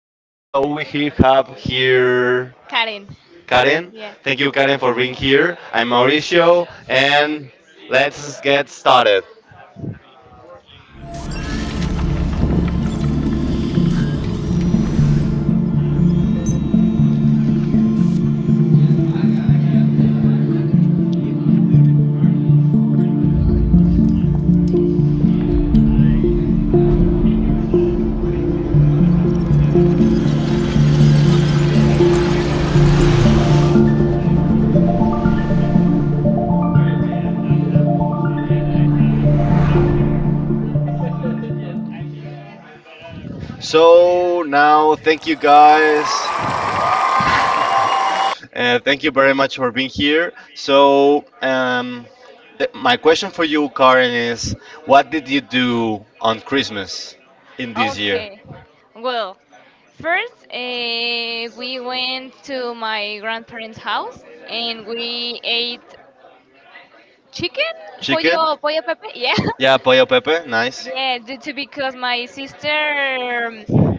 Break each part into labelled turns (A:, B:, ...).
A: time. So we here have here
B: Karen.
A: Karen.
B: Yeah.
A: Thank you, Karen, for being here. I'm Mauricio, and let's get started. So now, thank you, guys. Thank you very much for being here. My question for you, Karen, is what did you do on Christmas in this year?
B: Okay. Well, first we went to my grandparents' house and we ate chicken,
A: Chicken?
B: pollo, pollo pepe. Yeah.
A: Yeah, pollo pepe, nice.
B: Yeah, yeah, due to because my sister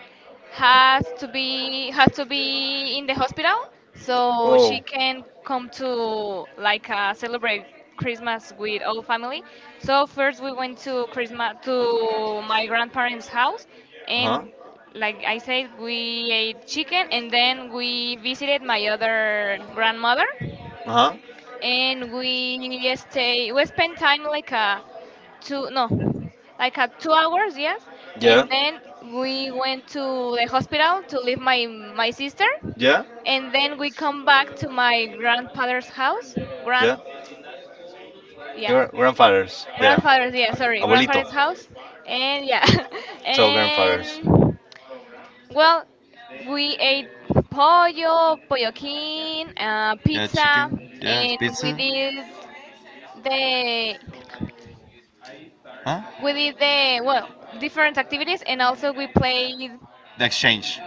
B: has to be in the hospital so she
A: Oh,
B: can come to, like, celebrate Christmas with all family. So first we went to Christmas to my grandparents' house,
A: uh
B: and,
A: huh,
B: like I said, we ate chicken, and then we visited my other grandmother,
A: uh huh,
B: and we spent time like a two no 2 hours. Yes.
A: yeah,
B: And then we went to the hospital to leave my sister,
A: yeah,
B: and then we come back to my grandfather's house.
A: yeah.
B: Grand Yeah.
A: Your grandfathers, yeah,
B: Grandfather's. Yeah, sorry,
A: abuelito.
B: grandfather's house. And yeah.
A: So grandfathers,
B: And, well, we ate pollo polloquín,
A: yeah, chicken,
B: pizza,
A: yeah,
B: and
A: pizza,
B: the
A: huh?
B: we did the, well, different activities, and also we played.
A: The exchange,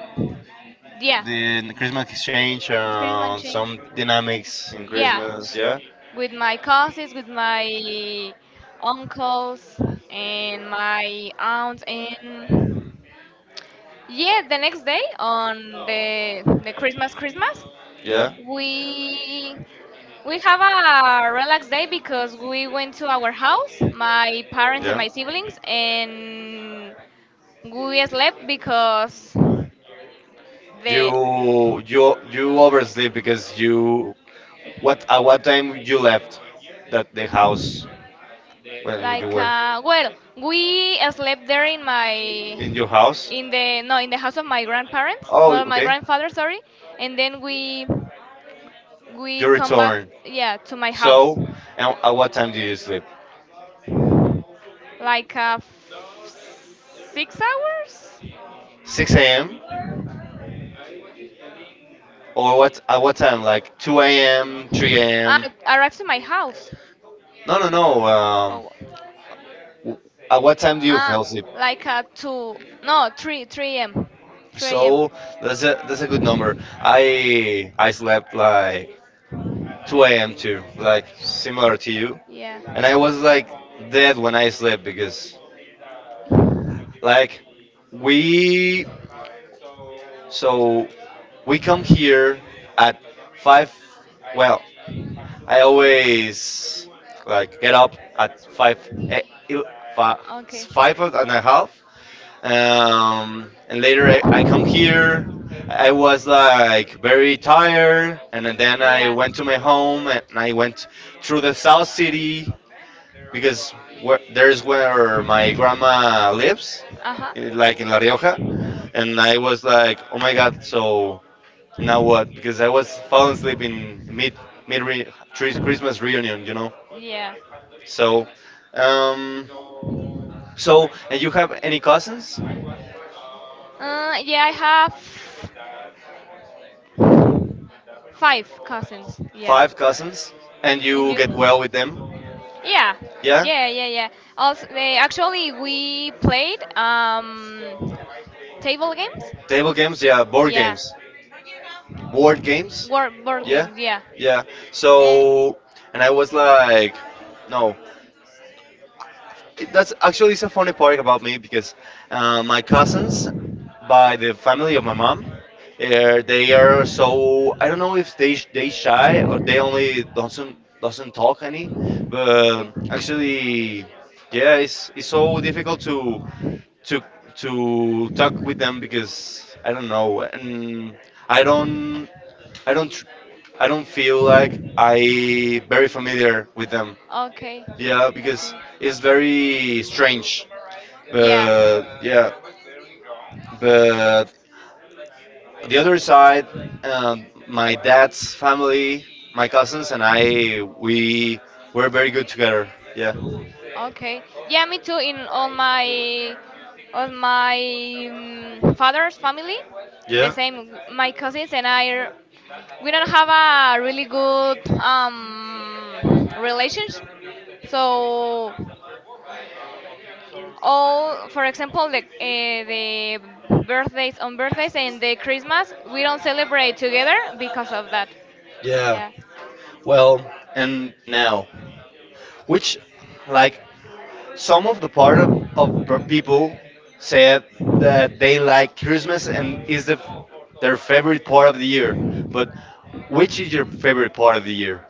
B: Yeah,
A: the Christmas exchange,
B: Greenland change.
A: some dynamics in
B: Yeah,
A: Christmas, yeah,
B: with my cousins, with my uncles, and my aunts. And yeah, the next day on the Christmas,
A: yeah.
B: we we have a relaxed day because we went to our house, my parents and
A: Yeah.
B: my siblings, and we slept because the
A: You oversleep because you what at what time you left that the house when you
B: like,
A: were
B: well, we slept there in my
A: in your house?
B: in the no in the house of my grandparents,
A: Oh,
B: well, my
A: okay.
B: grandfather, sorry. And then we
A: You
B: come back,
A: return.
B: yeah, to my house,
A: So, and at what time do you sleep?
B: like, 6 hours.
A: 6 a.m. or what? At what time? Like 2 a.m., 3
B: Ah,
A: a.m.
B: I arrived to my house.
A: No, no, no.
B: Oh.
A: At what time do you
B: Ah,
A: fell asleep?
B: like, two no three a.m. three a.m.
A: So that's a good number. I slept like 2 a.m. too, like similar to you.
B: Yeah.
A: And I was like dead when I slept because like we so we come here at 5, well, I always like get up at 5, il- fi-
B: Okay.
A: 5 and a half, and later I come here. I was like very tired, and then I
B: Yeah.
A: went to my home, and I went through the south city because where, there's where my grandma lives
B: Uh huh.
A: in- like in La Rioja. And I was like, oh my god, so now what, because I was falling asleep in mid re, Christmas reunion, you know?
B: Yeah.
A: So um so and you have any cousins?
B: Yeah, I have five cousins. Yeah.
A: Five cousins, and
B: And
A: you
B: you?
A: get well with them.
B: Yeah,
A: Yeah.
B: yeah, yeah, yeah. Also, they actually we played table games.
A: Table games, yeah. Board
B: Yeah,
A: games. Board games.
B: Board
A: Yeah.
B: games, yeah.
A: Yeah.
B: Eh,
A: So, and I was like, no. That's actually, it's a funny part about me because my cousins, by the family of my mom, they are, so I don't know if they they shy or they only doesn't talk any, but
B: okay.
A: actually, yeah, it's so difficult to to to talk with them because I don't know. And I don't I don't tr- I don't feel like I very familiar with them.
B: Okay.
A: Yeah, because
B: Okay.
A: it's very strange.
B: Yeah.
A: But yeah, but the other side, my dad's family, my cousins, and I, we were very good together. Yeah,
B: Okay. Yeah, me too. In all my father's family, the
A: yeah,
B: same. My cousins and I, we don't have a really good, relationship. So for example, the, the birthdays, on birthdays, and the Christmas, we don't celebrate together because of that.
A: yeah.
B: Yeah.
A: Well, and now, which, like, some of the part of people said that they like Christmas and is the their favorite part of the year. But which is your favorite part of the year?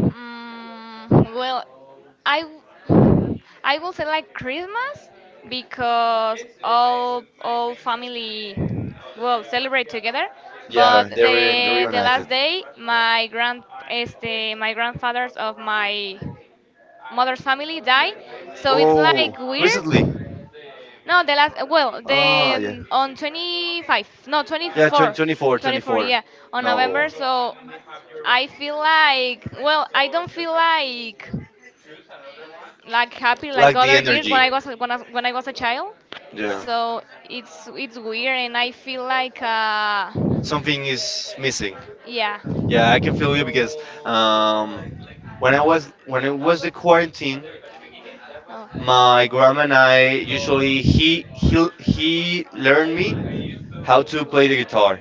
B: Well, I will say like Christmas because all family will celebrate together.
A: Yeah,
B: But
A: they
B: the
A: reunited.
B: last day, my grand este my grandfathers of my mother's family die, so it's
A: Oh,
B: like
A: recently.
B: weird. No, the last well the
A: Ah, yeah.
B: on 25, no, twenty
A: Yeah, 20,
B: four
A: 24,
B: twenty four
A: twenty-four.
B: yeah, on
A: No.
B: November, so. I feel like, well, I don't feel like happy like
A: Like the
B: other years
A: energy.
B: when I was a child.
A: Yeah.
B: So it's weird, and I feel like,
A: Something is missing.
B: yeah.
A: Yeah, I can feel you because um, when I was when it was the quarantine, my grandma and I usually he learned me how
B: Oh.
A: to play the guitar.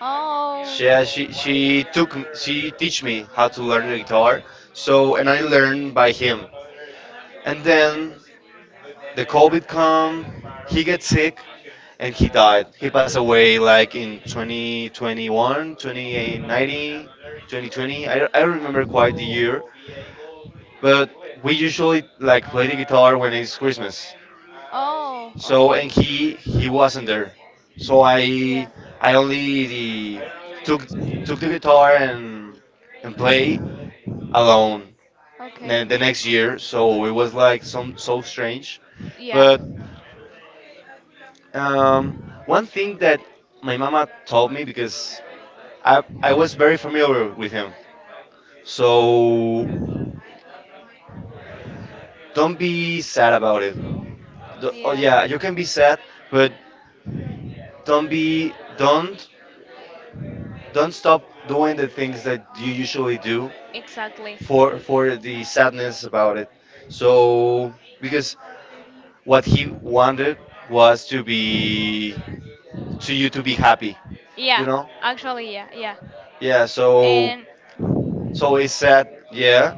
B: Oh,
A: She took she teach me how to learn
B: yeah.
A: the guitar. So and I learned by him. And then the COVID come, he gets sick and he died. He passed away like in 2021, 2019, 2020. I don't remember quite the year, but we usually like play the guitar when it's Christmas.
B: Oh,
A: So
B: okay.
A: and he wasn't there. So I
B: Yeah,
A: I only the, took the guitar and play alone
B: okay.
A: the next year. So it was like some so strange.
B: Yeah,
A: But um, one thing that my mama told me because I was very familiar with him. So don't be sad about it. The- oh
B: yeah,
A: yeah, you can be sad, but don't be don't don't stop doing the things that you usually do
B: exactly.
A: for the sadness about it. So because what he wanted was to be to you to be happy, you
B: Yeah,
A: know?
B: actually, yeah, yeah.
A: Yeah, so
B: And
A: so it's sad, yeah,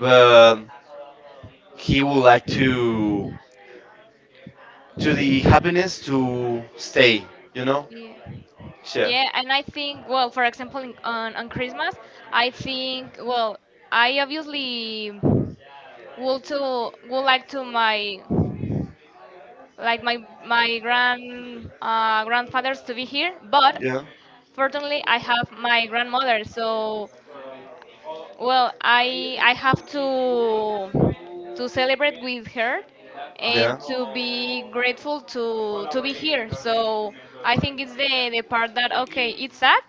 A: but he would like to the happiness to stay, you know?
B: yeah.
A: Yeah
B: Yeah, and I think, well, for example, in, on Christmas, I think, well, I obviously would like to my like my grand grandfathers to be here, but
A: Yeah.
B: fortunately I have my grandmother. So, well, I have to celebrate with her and
A: Yeah.
B: to
A: Yeah.
B: be grateful to be here. So I think it's the part that, okay, it's sad,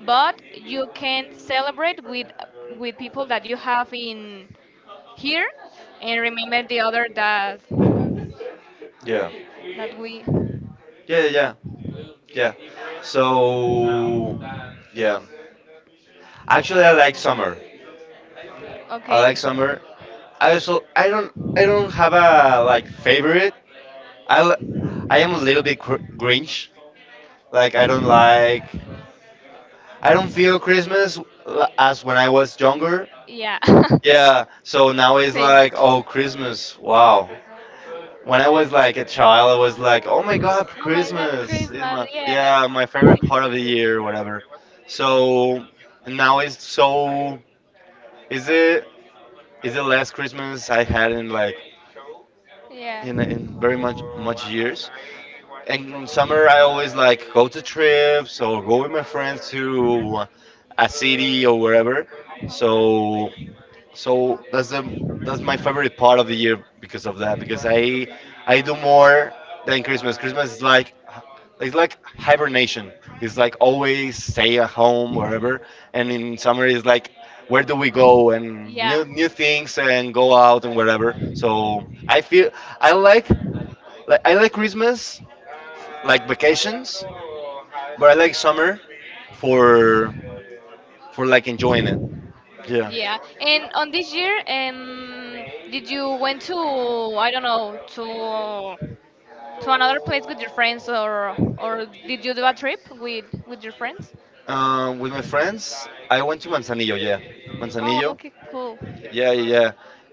B: but you can celebrate with people that you have in here and remember the other that
A: Yeah.
B: that we.
A: Yeah. Yeah. Yeah. So yeah. Actually, I like summer. I
B: Okay.
A: like summer. I also I don't have a like favorite. I l- I am a little bit Grinch. Like I don't feel Christmas as when I was younger.
B: Yeah.
A: Yeah. So now it's
B: Same.
A: like, oh Christmas. Wow. When I was like a child, I was like, "Oh my God,
B: Oh my god,
A: Christmas! Is
B: Christmas. Yeah.
A: yeah, my favorite part of the year, whatever." So now it's so is it is the last Christmas I had in like
B: Yeah.
A: in very much much years. And in summer, I always like go to trips or go with my friends to a city or wherever.
B: Uh-huh.
A: So so that's the that's my favorite part of the year because of that because I do more than Christmas. Christmas is like it's like hibernation. It's like always stay at home wherever, and in summer it's like, where do we go and
B: Yeah,
A: new new things and go out and wherever. So I feel I like I like Christmas like vacations, but I like summer for for like enjoying it. Yeah.
B: yeah. And on this year, did you went to I don't know, to another place with your friends, or did you do a trip with your friends?
A: With my friends, I went to Manzanillo. Yeah,
B: Oh,
A: Manzanillo.
B: okay, cool.
A: Yeah, yeah, yeah.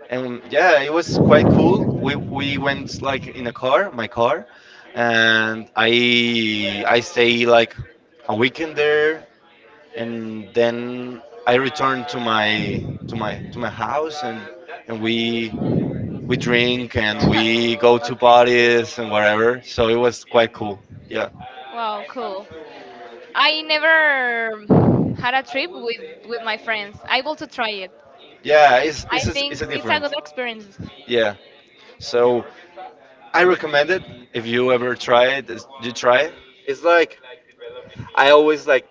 A: And yeah, it was quite cool. We went like in a car, my car, and I stay like a weekend there, and then I returned to my to my house, and we drink and we go to
B: Okay.
A: parties and whatever. So it was quite cool. Yeah,
B: Wow, cool. I never had a trip with my friends. I want to try it.
A: yeah,
B: I
A: it's
B: think
A: a
B: it's a
A: different.
B: good experience.
A: Yeah, so I recommend it if you ever try it. You try it. It's like I always like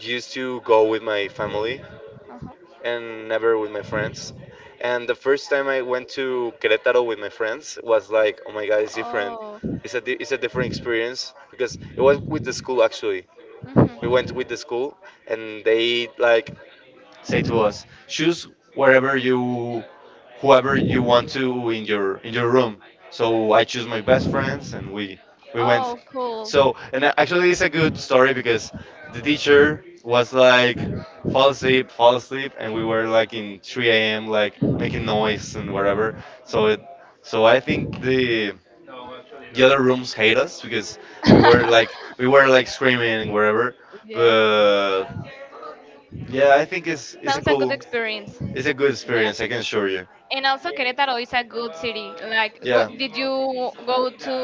A: used to go with my family
B: Uh-huh.
A: and never with my friends. And the first time I went to Querétaro with my friends was like, oh my god, it's different.
B: Oh.
A: It's a different experience because it was with the school actually. We
B: Hmm.
A: went with the school, and they like say to us, choose wherever you, whoever you want to in your room. So I choose my best friends, and we went.
B: Oh, cool.
A: So actually, it's a good story because the teacher was like, fall asleep, and we were like in 3 a.m. like making noise and whatever. So it, so I think the other rooms hate us because we were like we were like screaming and whatever.
B: Yeah,
A: But yeah, I think it's a
B: sounds a good
A: cool.
B: experience.
A: It's a good
B: Yeah,
A: experience, I can assure you.
B: and also Querétaro is a good city. Like,
A: Yeah.
B: did you go to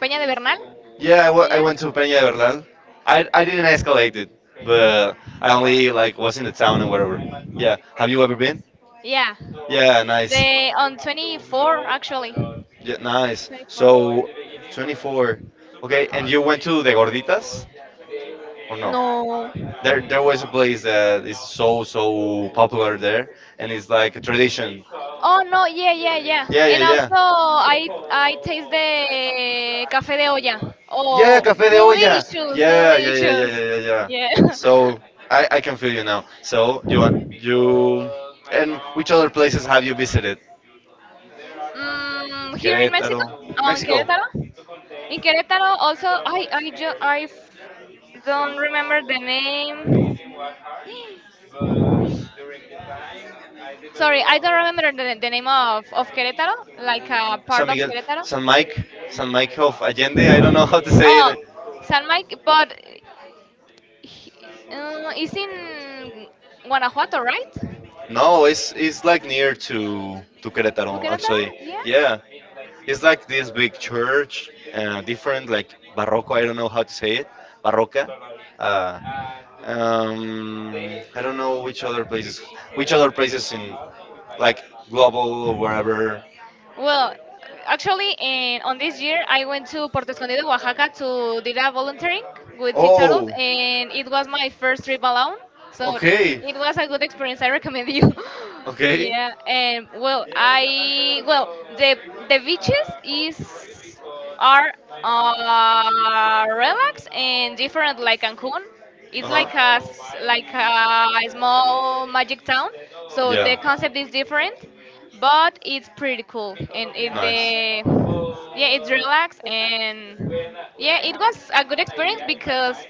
B: Peña de Bernal?
A: Yeah, I
B: Yeah.
A: went to Peña de Bernal. I didn't escalate it, but I only like was in the town and whatever. Yeah. Have you ever been?
B: Yeah. Yeah,
A: Yeah, nice.
B: they on 24 actually.
A: Yeah, nice.
B: 24.
A: So, 24. Okay, and you went to the Gorditas or no?
B: No.
A: There was a place that is so so popular there, and it's like a tradition.
B: Oh no, yeah, yeah, yeah.
A: Yeah,
B: And
A: yeah, yeah.
B: also, I taste the café de olla.
A: Yeah,
B: Oh,
A: Café de Olla.
B: delicious,
A: Yeah, yeah, yeah, yeah,
B: delicious.
A: yeah, yeah, yeah.
B: Yeah.
A: So I can feel you now. So you want you and which other places have you visited?
B: Here in
A: Querétaro,
B: Mexico, on
A: Mexico,
B: Querétaro. In Querétaro, also, I don't remember the name. Sorry, I don't remember the name of Querétaro, like a
A: San
B: part of
A: Miguel,
B: Querétaro.
A: San Mike, San Mike of Allende. I don't know how to say
B: Oh,
A: it.
B: San Mike, but He, it's in Guanajuato, right?
A: No, it's like near to
B: To
A: Querétaro
B: Querétaro?
A: actually.
B: Yeah.
A: Yeah, it's like this big church, different like barroco. I don't know how to say it. Barroca. Uh, um, I don't know which other places in like global or wherever.
B: Well, actually, in, on this year, I went to Puerto Escondido, Oaxaca, to did a volunteering with Sea Turtles,
A: Oh.
B: and it was my first trip alone, so
A: Okay.
B: it was a good experience. I recommend you.
A: Okay.
B: Yeah. And, well, I well, the the beaches is are, relaxed and different, like Cancun. It's
A: Uh huh.
B: like like a small magic town, so the
A: Yeah.
B: concept is different, but it's pretty cool. And it
A: Nice.
B: the yeah, it's relaxed. And yeah, it was a good experience because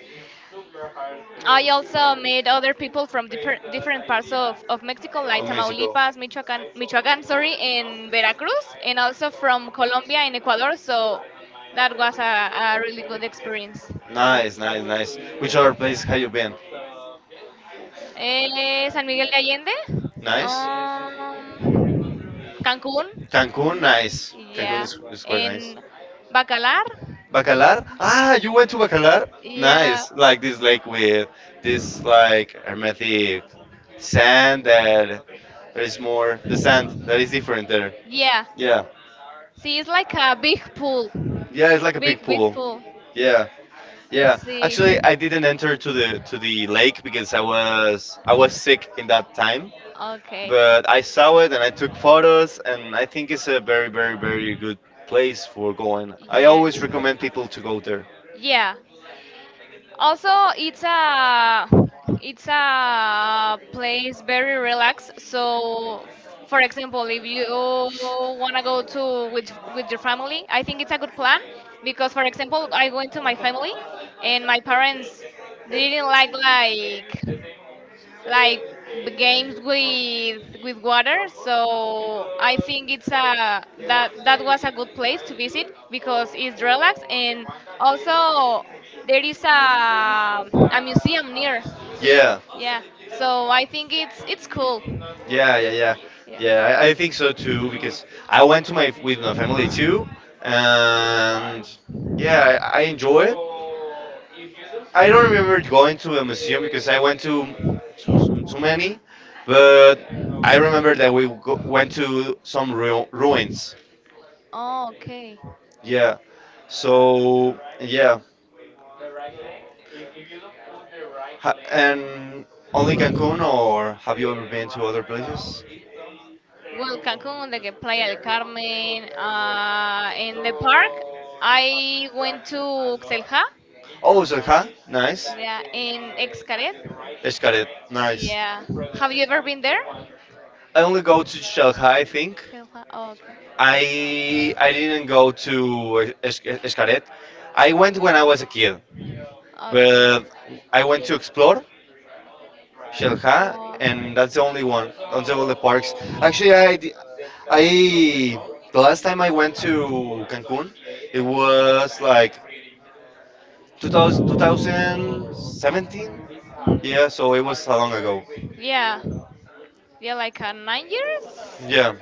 B: I also met other people from different parts of Mexico, like
A: From Mexico.
B: Tamaulipas, michoacan michoacan sorry, and Veracruz, and also from Colombia and Ecuador. So that was a really good experience. Yeah.
A: Nice, nice, nice. Which other places have you been?
B: San Miguel de Allende,
A: Nice.
B: Cancún,
A: Cancun, nice. Cancun
B: yeah,
A: is quite nice.
B: and Bacalar.
A: Bacalar?
B: Uh huh.
A: Ah, you went to Bacalar?
B: Yeah,
A: Nice. Like this lake with this like hermetic sand that there is more the sand that is different there.
B: yeah.
A: Yeah.
B: See, it's like a big pool,
A: Yeah, it's like a big
B: big big
A: pool.
B: pool.
A: Yeah. Yeah.
B: See.
A: Actually, I didn't enter to the lake because I was sick in that time.
B: Okay.
A: But I saw it and I took photos, and I think it's a very, very, very good place for going. I
B: Yeah.
A: always recommend people to go there.
B: Yeah. Also, it's a it's a place very relaxed. So, for example, if you wanna go to with your family, I think it's a good plan because, for example, I went to my family, and my parents didn't like games with water. So I think it's a that was a good place to visit because it's relaxed. And also there is a museum near.
A: Yeah,
B: Yeah, so I think it's cool.
A: yeah, yeah, yeah,
B: Yeah.
A: yeah. I think so too because I went to my with my family too, and yeah, I enjoy it. I don't remember going to a museum because I went to too many, but I remember that went to some ruins.
B: Oh, okay.
A: Yeah. So yeah. And only Cancun, or have you ever been to other places?
B: Well, cancun the Playa del Carmen, in the park, I went to Xelha.
A: Oh, Salca, nice.
B: Yeah, in Xcaret.
A: Escaret, nice.
B: Yeah, have you ever been there?
A: I only go to Shanghai, I think.
B: Sheila. Oh, okay.
A: I didn't go to Es- Es- Escaret. I went when I was a kid,
B: Okay.
A: but I went to explore Shelha,
B: Oh.
A: and that's the only one. That's the only parks. Actually, I, di- I the last time I went to Cancun, it was like 2000, 2017. Yeah, so it was a long ago.
B: Yeah. Yeah, like, 9 years.
A: Yeah,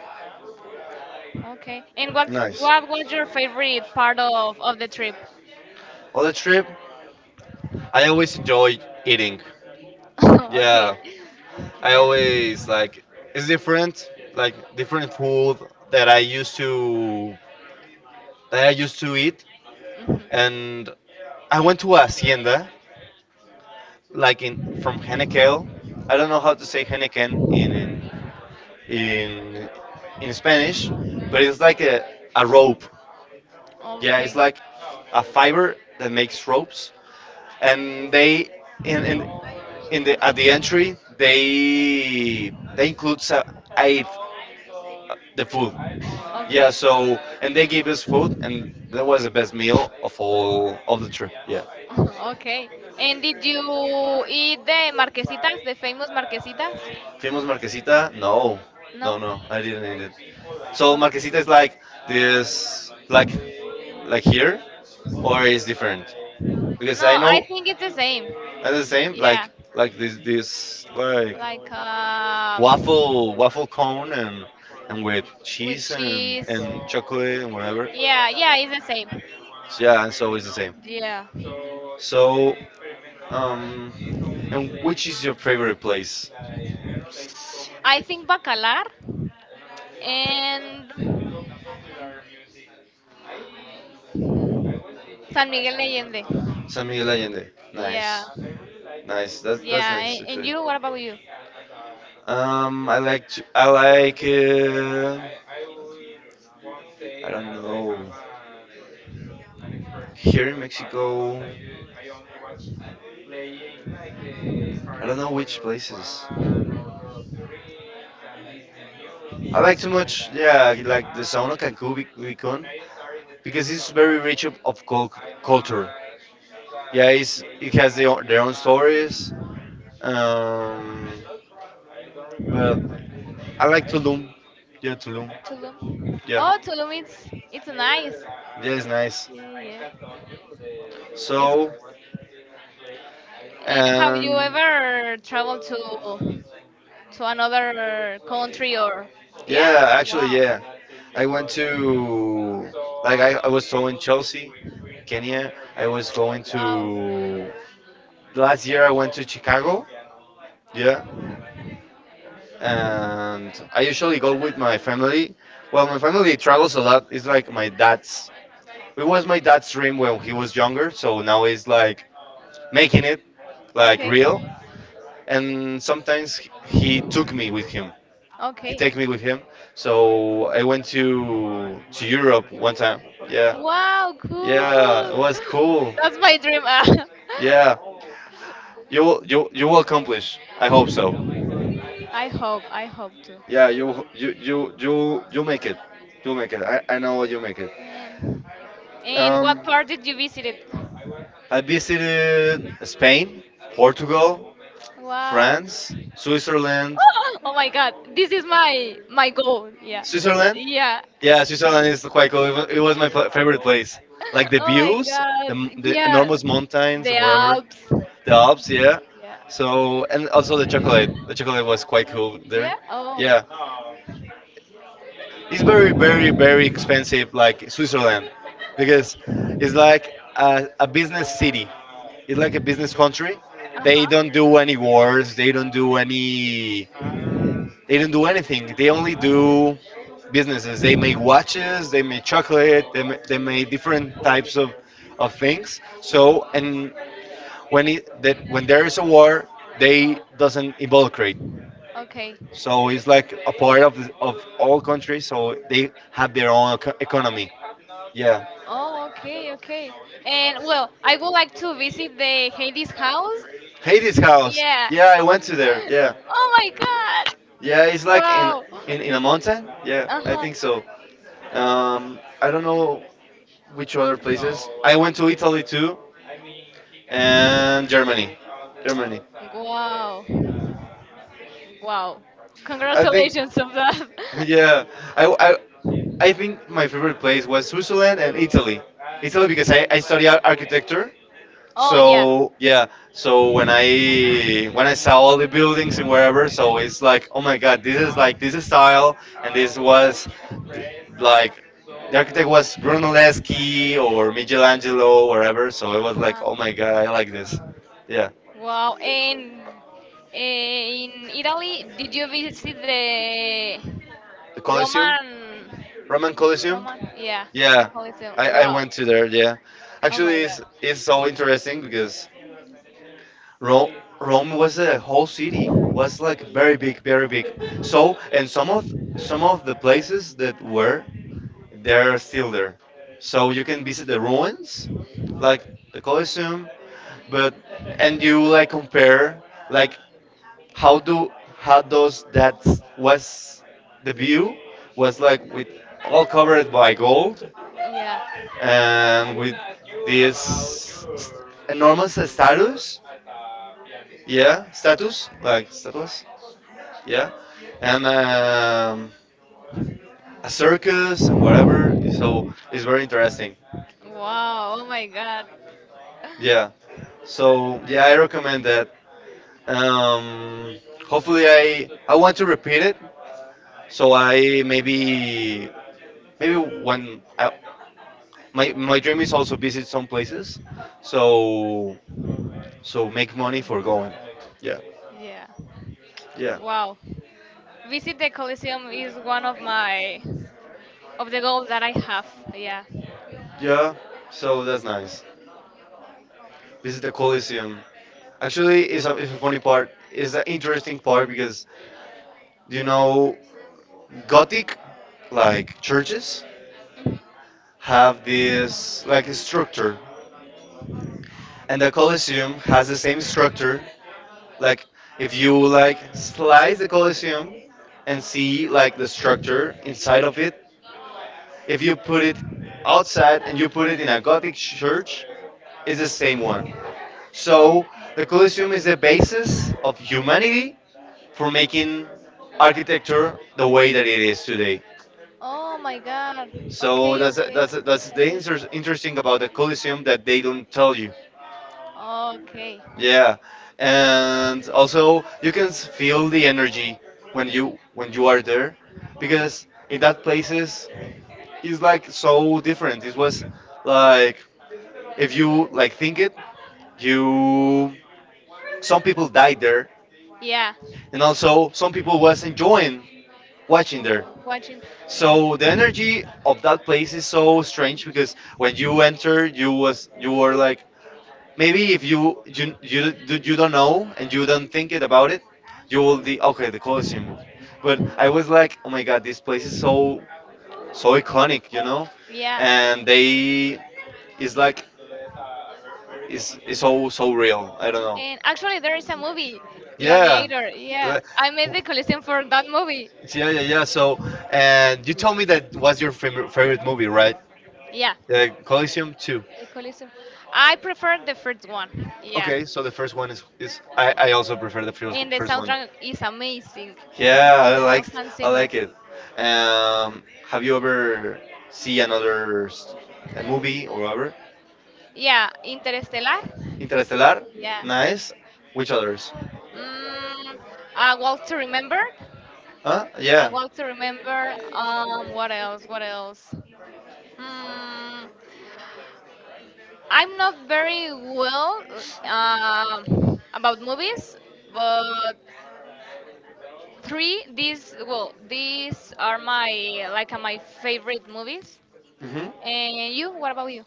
B: Okay. And
A: nice.
B: what was your favorite part of the trip?
A: On the trip, I always enjoy eating.
B: Okay.
A: Yeah, I
B: Yeah.
A: always like it's different, like different food that I used to that I used to eat,
B: Mhm.
A: and I went to a hacienda like in from Henneken. I don't know how to say Henneken in, in Spanish, but it's like a rope. Yeah, it's
B: Okay,
A: like a fiber that makes ropes, and they in in, in the at the entry they includes a the food. Yeah,
B: okay.
A: so and they gave us food, and that was the best meal of all of the trip. Yeah.
B: Okay. And did you eat the marquesitas, the famous marquesitas?
A: Famous Marquesita? No, no,
B: No?
A: no, I didn't eat it. So
B: Okay.
A: Marquesita is like this, like here, or is different?
B: No,
A: Because I know
B: I think it's the same.
A: i know the same
B: Yeah,
A: like this like
B: like,
A: waffle cone and with
B: with
A: cheese
B: cheese.
A: and chocolate and whatever.
B: Yeah, yeah, it's the same.
A: Yeah, it's always the same.
B: Yeah.
A: So, um, and which is your favorite place?
B: I think Bacalar and San Miguel de Allende.
A: San Miguel Allende. Nice.
B: Yeah,
A: Nice. That's
B: yeah.
A: nice
B: And
A: actually.
B: you, what about you?
A: I like to, I like I don't know. Here in Mexico, I don't know which places. I like too much, yeah, like the sound of Cancun, Vicon, because it's very rich of culture. Yeah, it's, it has their own stories. Um, but I like Tulum. Yeah, Tulum.
B: Tulum.
A: Yeah.
B: Oh, Tulum, it's nice.
A: Yes, nice.
B: Yeah, yeah. It's
A: So,
B: And have you
A: and
B: ever traveled to another country or yeah?
A: yeah, actually,
B: Wow.
A: yeah. I went to, like, I was so in Chelsea, Kenya. I was going
B: Wow.
A: to, last year I went to Chicago, yeah. And I usually go with my family. Well, my family travels a lot. It's like my dad's, it was my dad's dream when he was younger. So now it's like, making it like
B: Okay.
A: real. And sometimes he took me with him. He
B: Okay.
A: take me with him. So I went to Europe one time. Yeah,
B: Wow,
A: yeah,
B: cool.
A: it was cool.
B: That's my dream.
A: Yeah, you will accomplish. I hope so.
B: I hope to.
A: Yeah, you make it. You make it. I know you make it.
B: And, and
A: Um,
B: what part did you visit it?
A: I visited Spain, Portugal,
B: Wow.
A: France, Switzerland.
B: Oh my god, this is my goal. Yeah.
A: Switzerland?
B: Yeah.
A: Yeah, Switzerland is quite cool. It was my favorite place. Like the
B: Oh my
A: views, the,
B: god.
A: the
B: Yeah.
A: enormous mountains
B: The
A: and wherever,
B: Alps.
A: the Alps, yeah.
B: Yeah.
A: So, and also the chocolate. The chocolate was quite cool
B: Yeah.
A: there.
B: Oh.
A: Yeah. It's very, very, very expensive, like Switzerland, because it's like a business city. It's like a business country.
B: Uh
A: They
B: huh.
A: don't do any wars, they don't do any. They don't do anything. They only do businesses. They make watches. They make chocolate. They make different types of things. So and when it that when there is a war, they doesn't involucrate.
B: Okay.
A: So it's like a part of the, of all countries. So they have their own economy. Yeah.
B: Oh, okay, okay. And, well, I would like to visit the Hades house.
A: Hades house.
B: Yeah.
A: Yeah, I went to there. Yeah.
B: Oh my god!
A: Yeah, it's like
B: Wow!
A: in a mountain. Yeah,
B: Uh
A: I
B: huh.
A: think so. I don't know which other places? I went to Italy too, and Germany. Germany.
B: Wow. Wow.
A: I think,
B: Congratulations of that.
A: yeah. I, I, I think my favorite place was Switzerland and Italy. Italy because I study architecture.
B: Oh yeah.
A: So yeah, so when I saw all the buildings and wherever, so it's like, oh my god, this is like this is style, and this was th- like the architect was
B: Uh
A: Brunelleschi or Michelangelo, wherever. So I was like,
B: huh.
A: oh my god, I like this. Yeah.
B: Wow. And, in Italy, did you visit the
A: The Coliseum,
B: Roman?
A: Roman Coliseum.
B: Roman? Yeah. The
A: Yeah,
B: Colosseum.
A: I
B: Wow.
A: went to there. Yeah,
B: Oh my
A: actually,
B: god.
A: it's so interesting because Rome Rome was a whole city. Was like very big, very big. So and some of the places that were there are still there. So you can visit the ruins, like the Colosseum, but and you like compare like how do how does that was the view was like with all covered by gold
B: Yeah.
A: and with this st- enormous status yeah status like statues. Yeah, and a circus and whatever, so it's very interesting.
B: Wow. Oh my god.
A: Yeah, so yeah, I recommend that. um, hopefully I want to repeat it, so I maybe maybe when I, my dream is also visit some places, so so make money for going. Yeah,
B: Yeah.
A: yeah,
B: Wow. Visit the Coliseum is one of my, of the goals that I have. Yeah.
A: yeah. So that's nice. Visit the Coliseum. Actually, it's a funny part. It's an interesting part because you know, Gothic like churches
B: Mhm.
A: have this like a structure, and the Coliseum has the same structure. Like if you like slice the Coliseum and see like the structure inside of it, if you put it outside and you put it in a Gothic church, it's the same one. So the
B: Okay.
A: Colosseum is the basis of humanity for making architecture the way that it is today.
B: Oh my God.
A: So
B: Okay,
A: that's
B: okay.
A: that's that's
B: So
A: the
B: good.
A: interesting about the Colosseum that they don't tell you.
B: Okay.
A: Yeah, and also you can feel the energy when you are there, because in that places is like so different. It was like if you like think it, you some people died there,
B: Yeah.
A: and also some people was enjoying watching there.
B: Watching.
A: So the energy of that place is so strange because when you enter, you was you were like maybe if you you don't know and you don't think it about it, you will be okay the Colosseum. But I was like, oh my god, this place is so so
B: Mhm.
A: iconic, you know,
B: Yeah,
A: and they is like is so so real. I don't know.
B: and actually there is a movie,
A: Yeah.
B: Gladiator. Yeah,
A: L-
B: I made the collection for that movie.
A: Yeah, yeah, yeah. So, and you told me that was your favorite movie, right?
B: Yeah,
A: The Coliseum Two.
B: the collection. I prefer the first one. Yeah,
A: Okay, so the first one is I also prefer the
B: and the
A: first one.
B: soundtrack is amazing.
A: Yeah,
B: Yeah, of Hans
A: I
B: Zimmer.
A: like it. Um, have you ever see another a movie or whatever?
B: Yeah, Interstellar.
A: Interstellar,
B: Yeah.
A: nice. Which others?
B: Mm, I want to remember.
A: Huh?
B: I
A: Yeah.
B: want to remember. What else? What else? Mm, I'm not very well about movies, but three these well these are my favorite movies.
A: Hmm.
B: And you? What about you?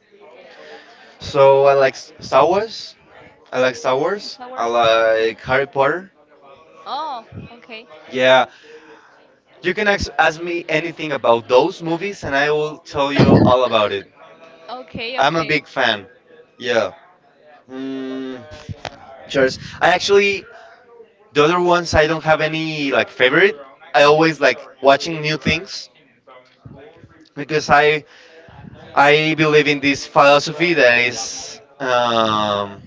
A: So I like Star Wars. I like Star Wars.
B: It's
A: I
B: ours. Okay.
A: like Harry Potter.
B: Oh, okay.
A: Yeah, you can ask me anything about those movies, and I will tell you all about it.
B: Okay,
A: I'm a
B: okay.
A: big fan. Yeah. Mm, cheers. I actually the other ones I don't have any like favorite. I always like watching new things because I believe in this philosophy that is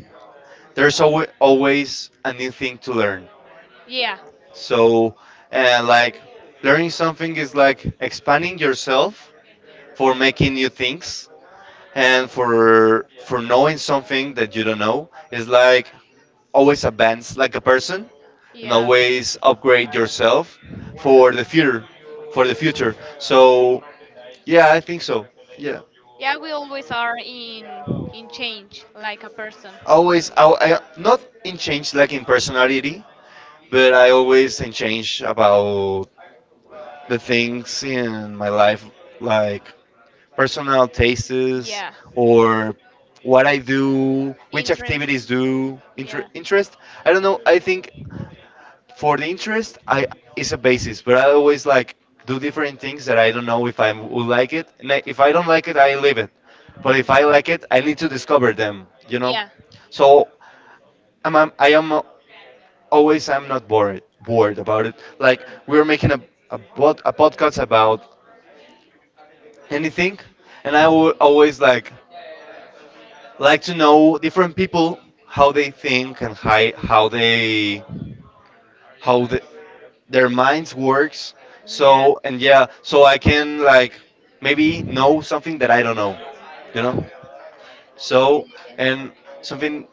A: there's always always a new thing to learn.
B: Yeah,
A: So like learning something is like expanding yourself for making new things and for knowing something that you don't know is like always advance like a person and
B: yeah.
A: always upgrade yourself for the future for the future. So yeah, I think so. Yeah.
B: Yeah, we always are in change, like a person.
A: Always I not in change like in personality, but I always in change about the things in my life, like personal tastes
B: Yeah,
A: or what I do, which
B: interest.
A: activities do,
B: Yeah,
A: interest. I don't know. I think for the interest, I is a basis, but I always like do different things that I don't know if I will like it, and I, if I don't like it, I leave it. But if I like it, I need to discover them. You
B: yeah,
A: know,
B: yeah.
A: so I'm, I am always I'm not bored about it. Like we're making a podcast about anything, and I will always like to know different people, how they think and how they how the, their minds works. So and yeah, so I can like
B: Mhm.
A: maybe know something that I don't know, you know,
B: Yeah,
A: so
B: yeah,
A: and something.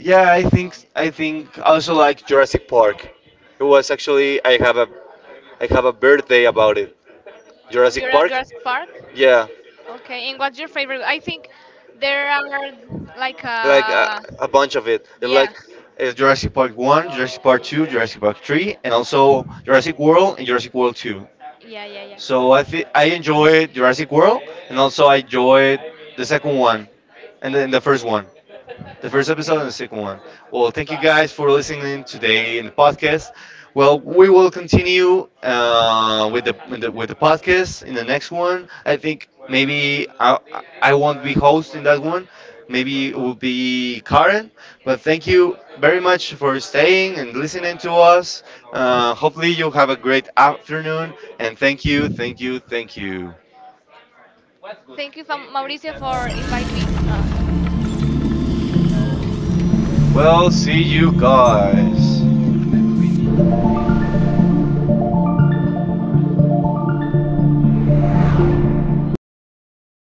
A: Yeah, I think I also like Jurassic Park. It was actually I
B: yeah.
A: have a birthday about it,
B: Oh,
A: Jurassic
B: you're at
A: Park.
B: Jurassic Park?
A: Yeah,
B: Okay, and what's your favorite? I think there are like,
A: like a bunch of it. It's
B: yeah,
A: like Jurassic Park One, Jurassic Park Two, Jurassic Park Three, and also Jurassic World and Jurassic World Two.
B: yeah, yeah, yeah.
A: So I enjoyed Jurassic World, and also I enjoyed the second one, and then the first episode
B: Okay.
A: and the second one. Well, thank you guys for listening today in the podcast. Well, we will continue with the podcast in the next one. I think maybe I won't be hosting that one. Maybe it will be Karen. But thank you very much for staying and listening to us. Hopefully, you have a great afternoon. And thank you.
B: Thank you, Mauricio, for inviting me. Lo cortaste?
A: Well, see you guys.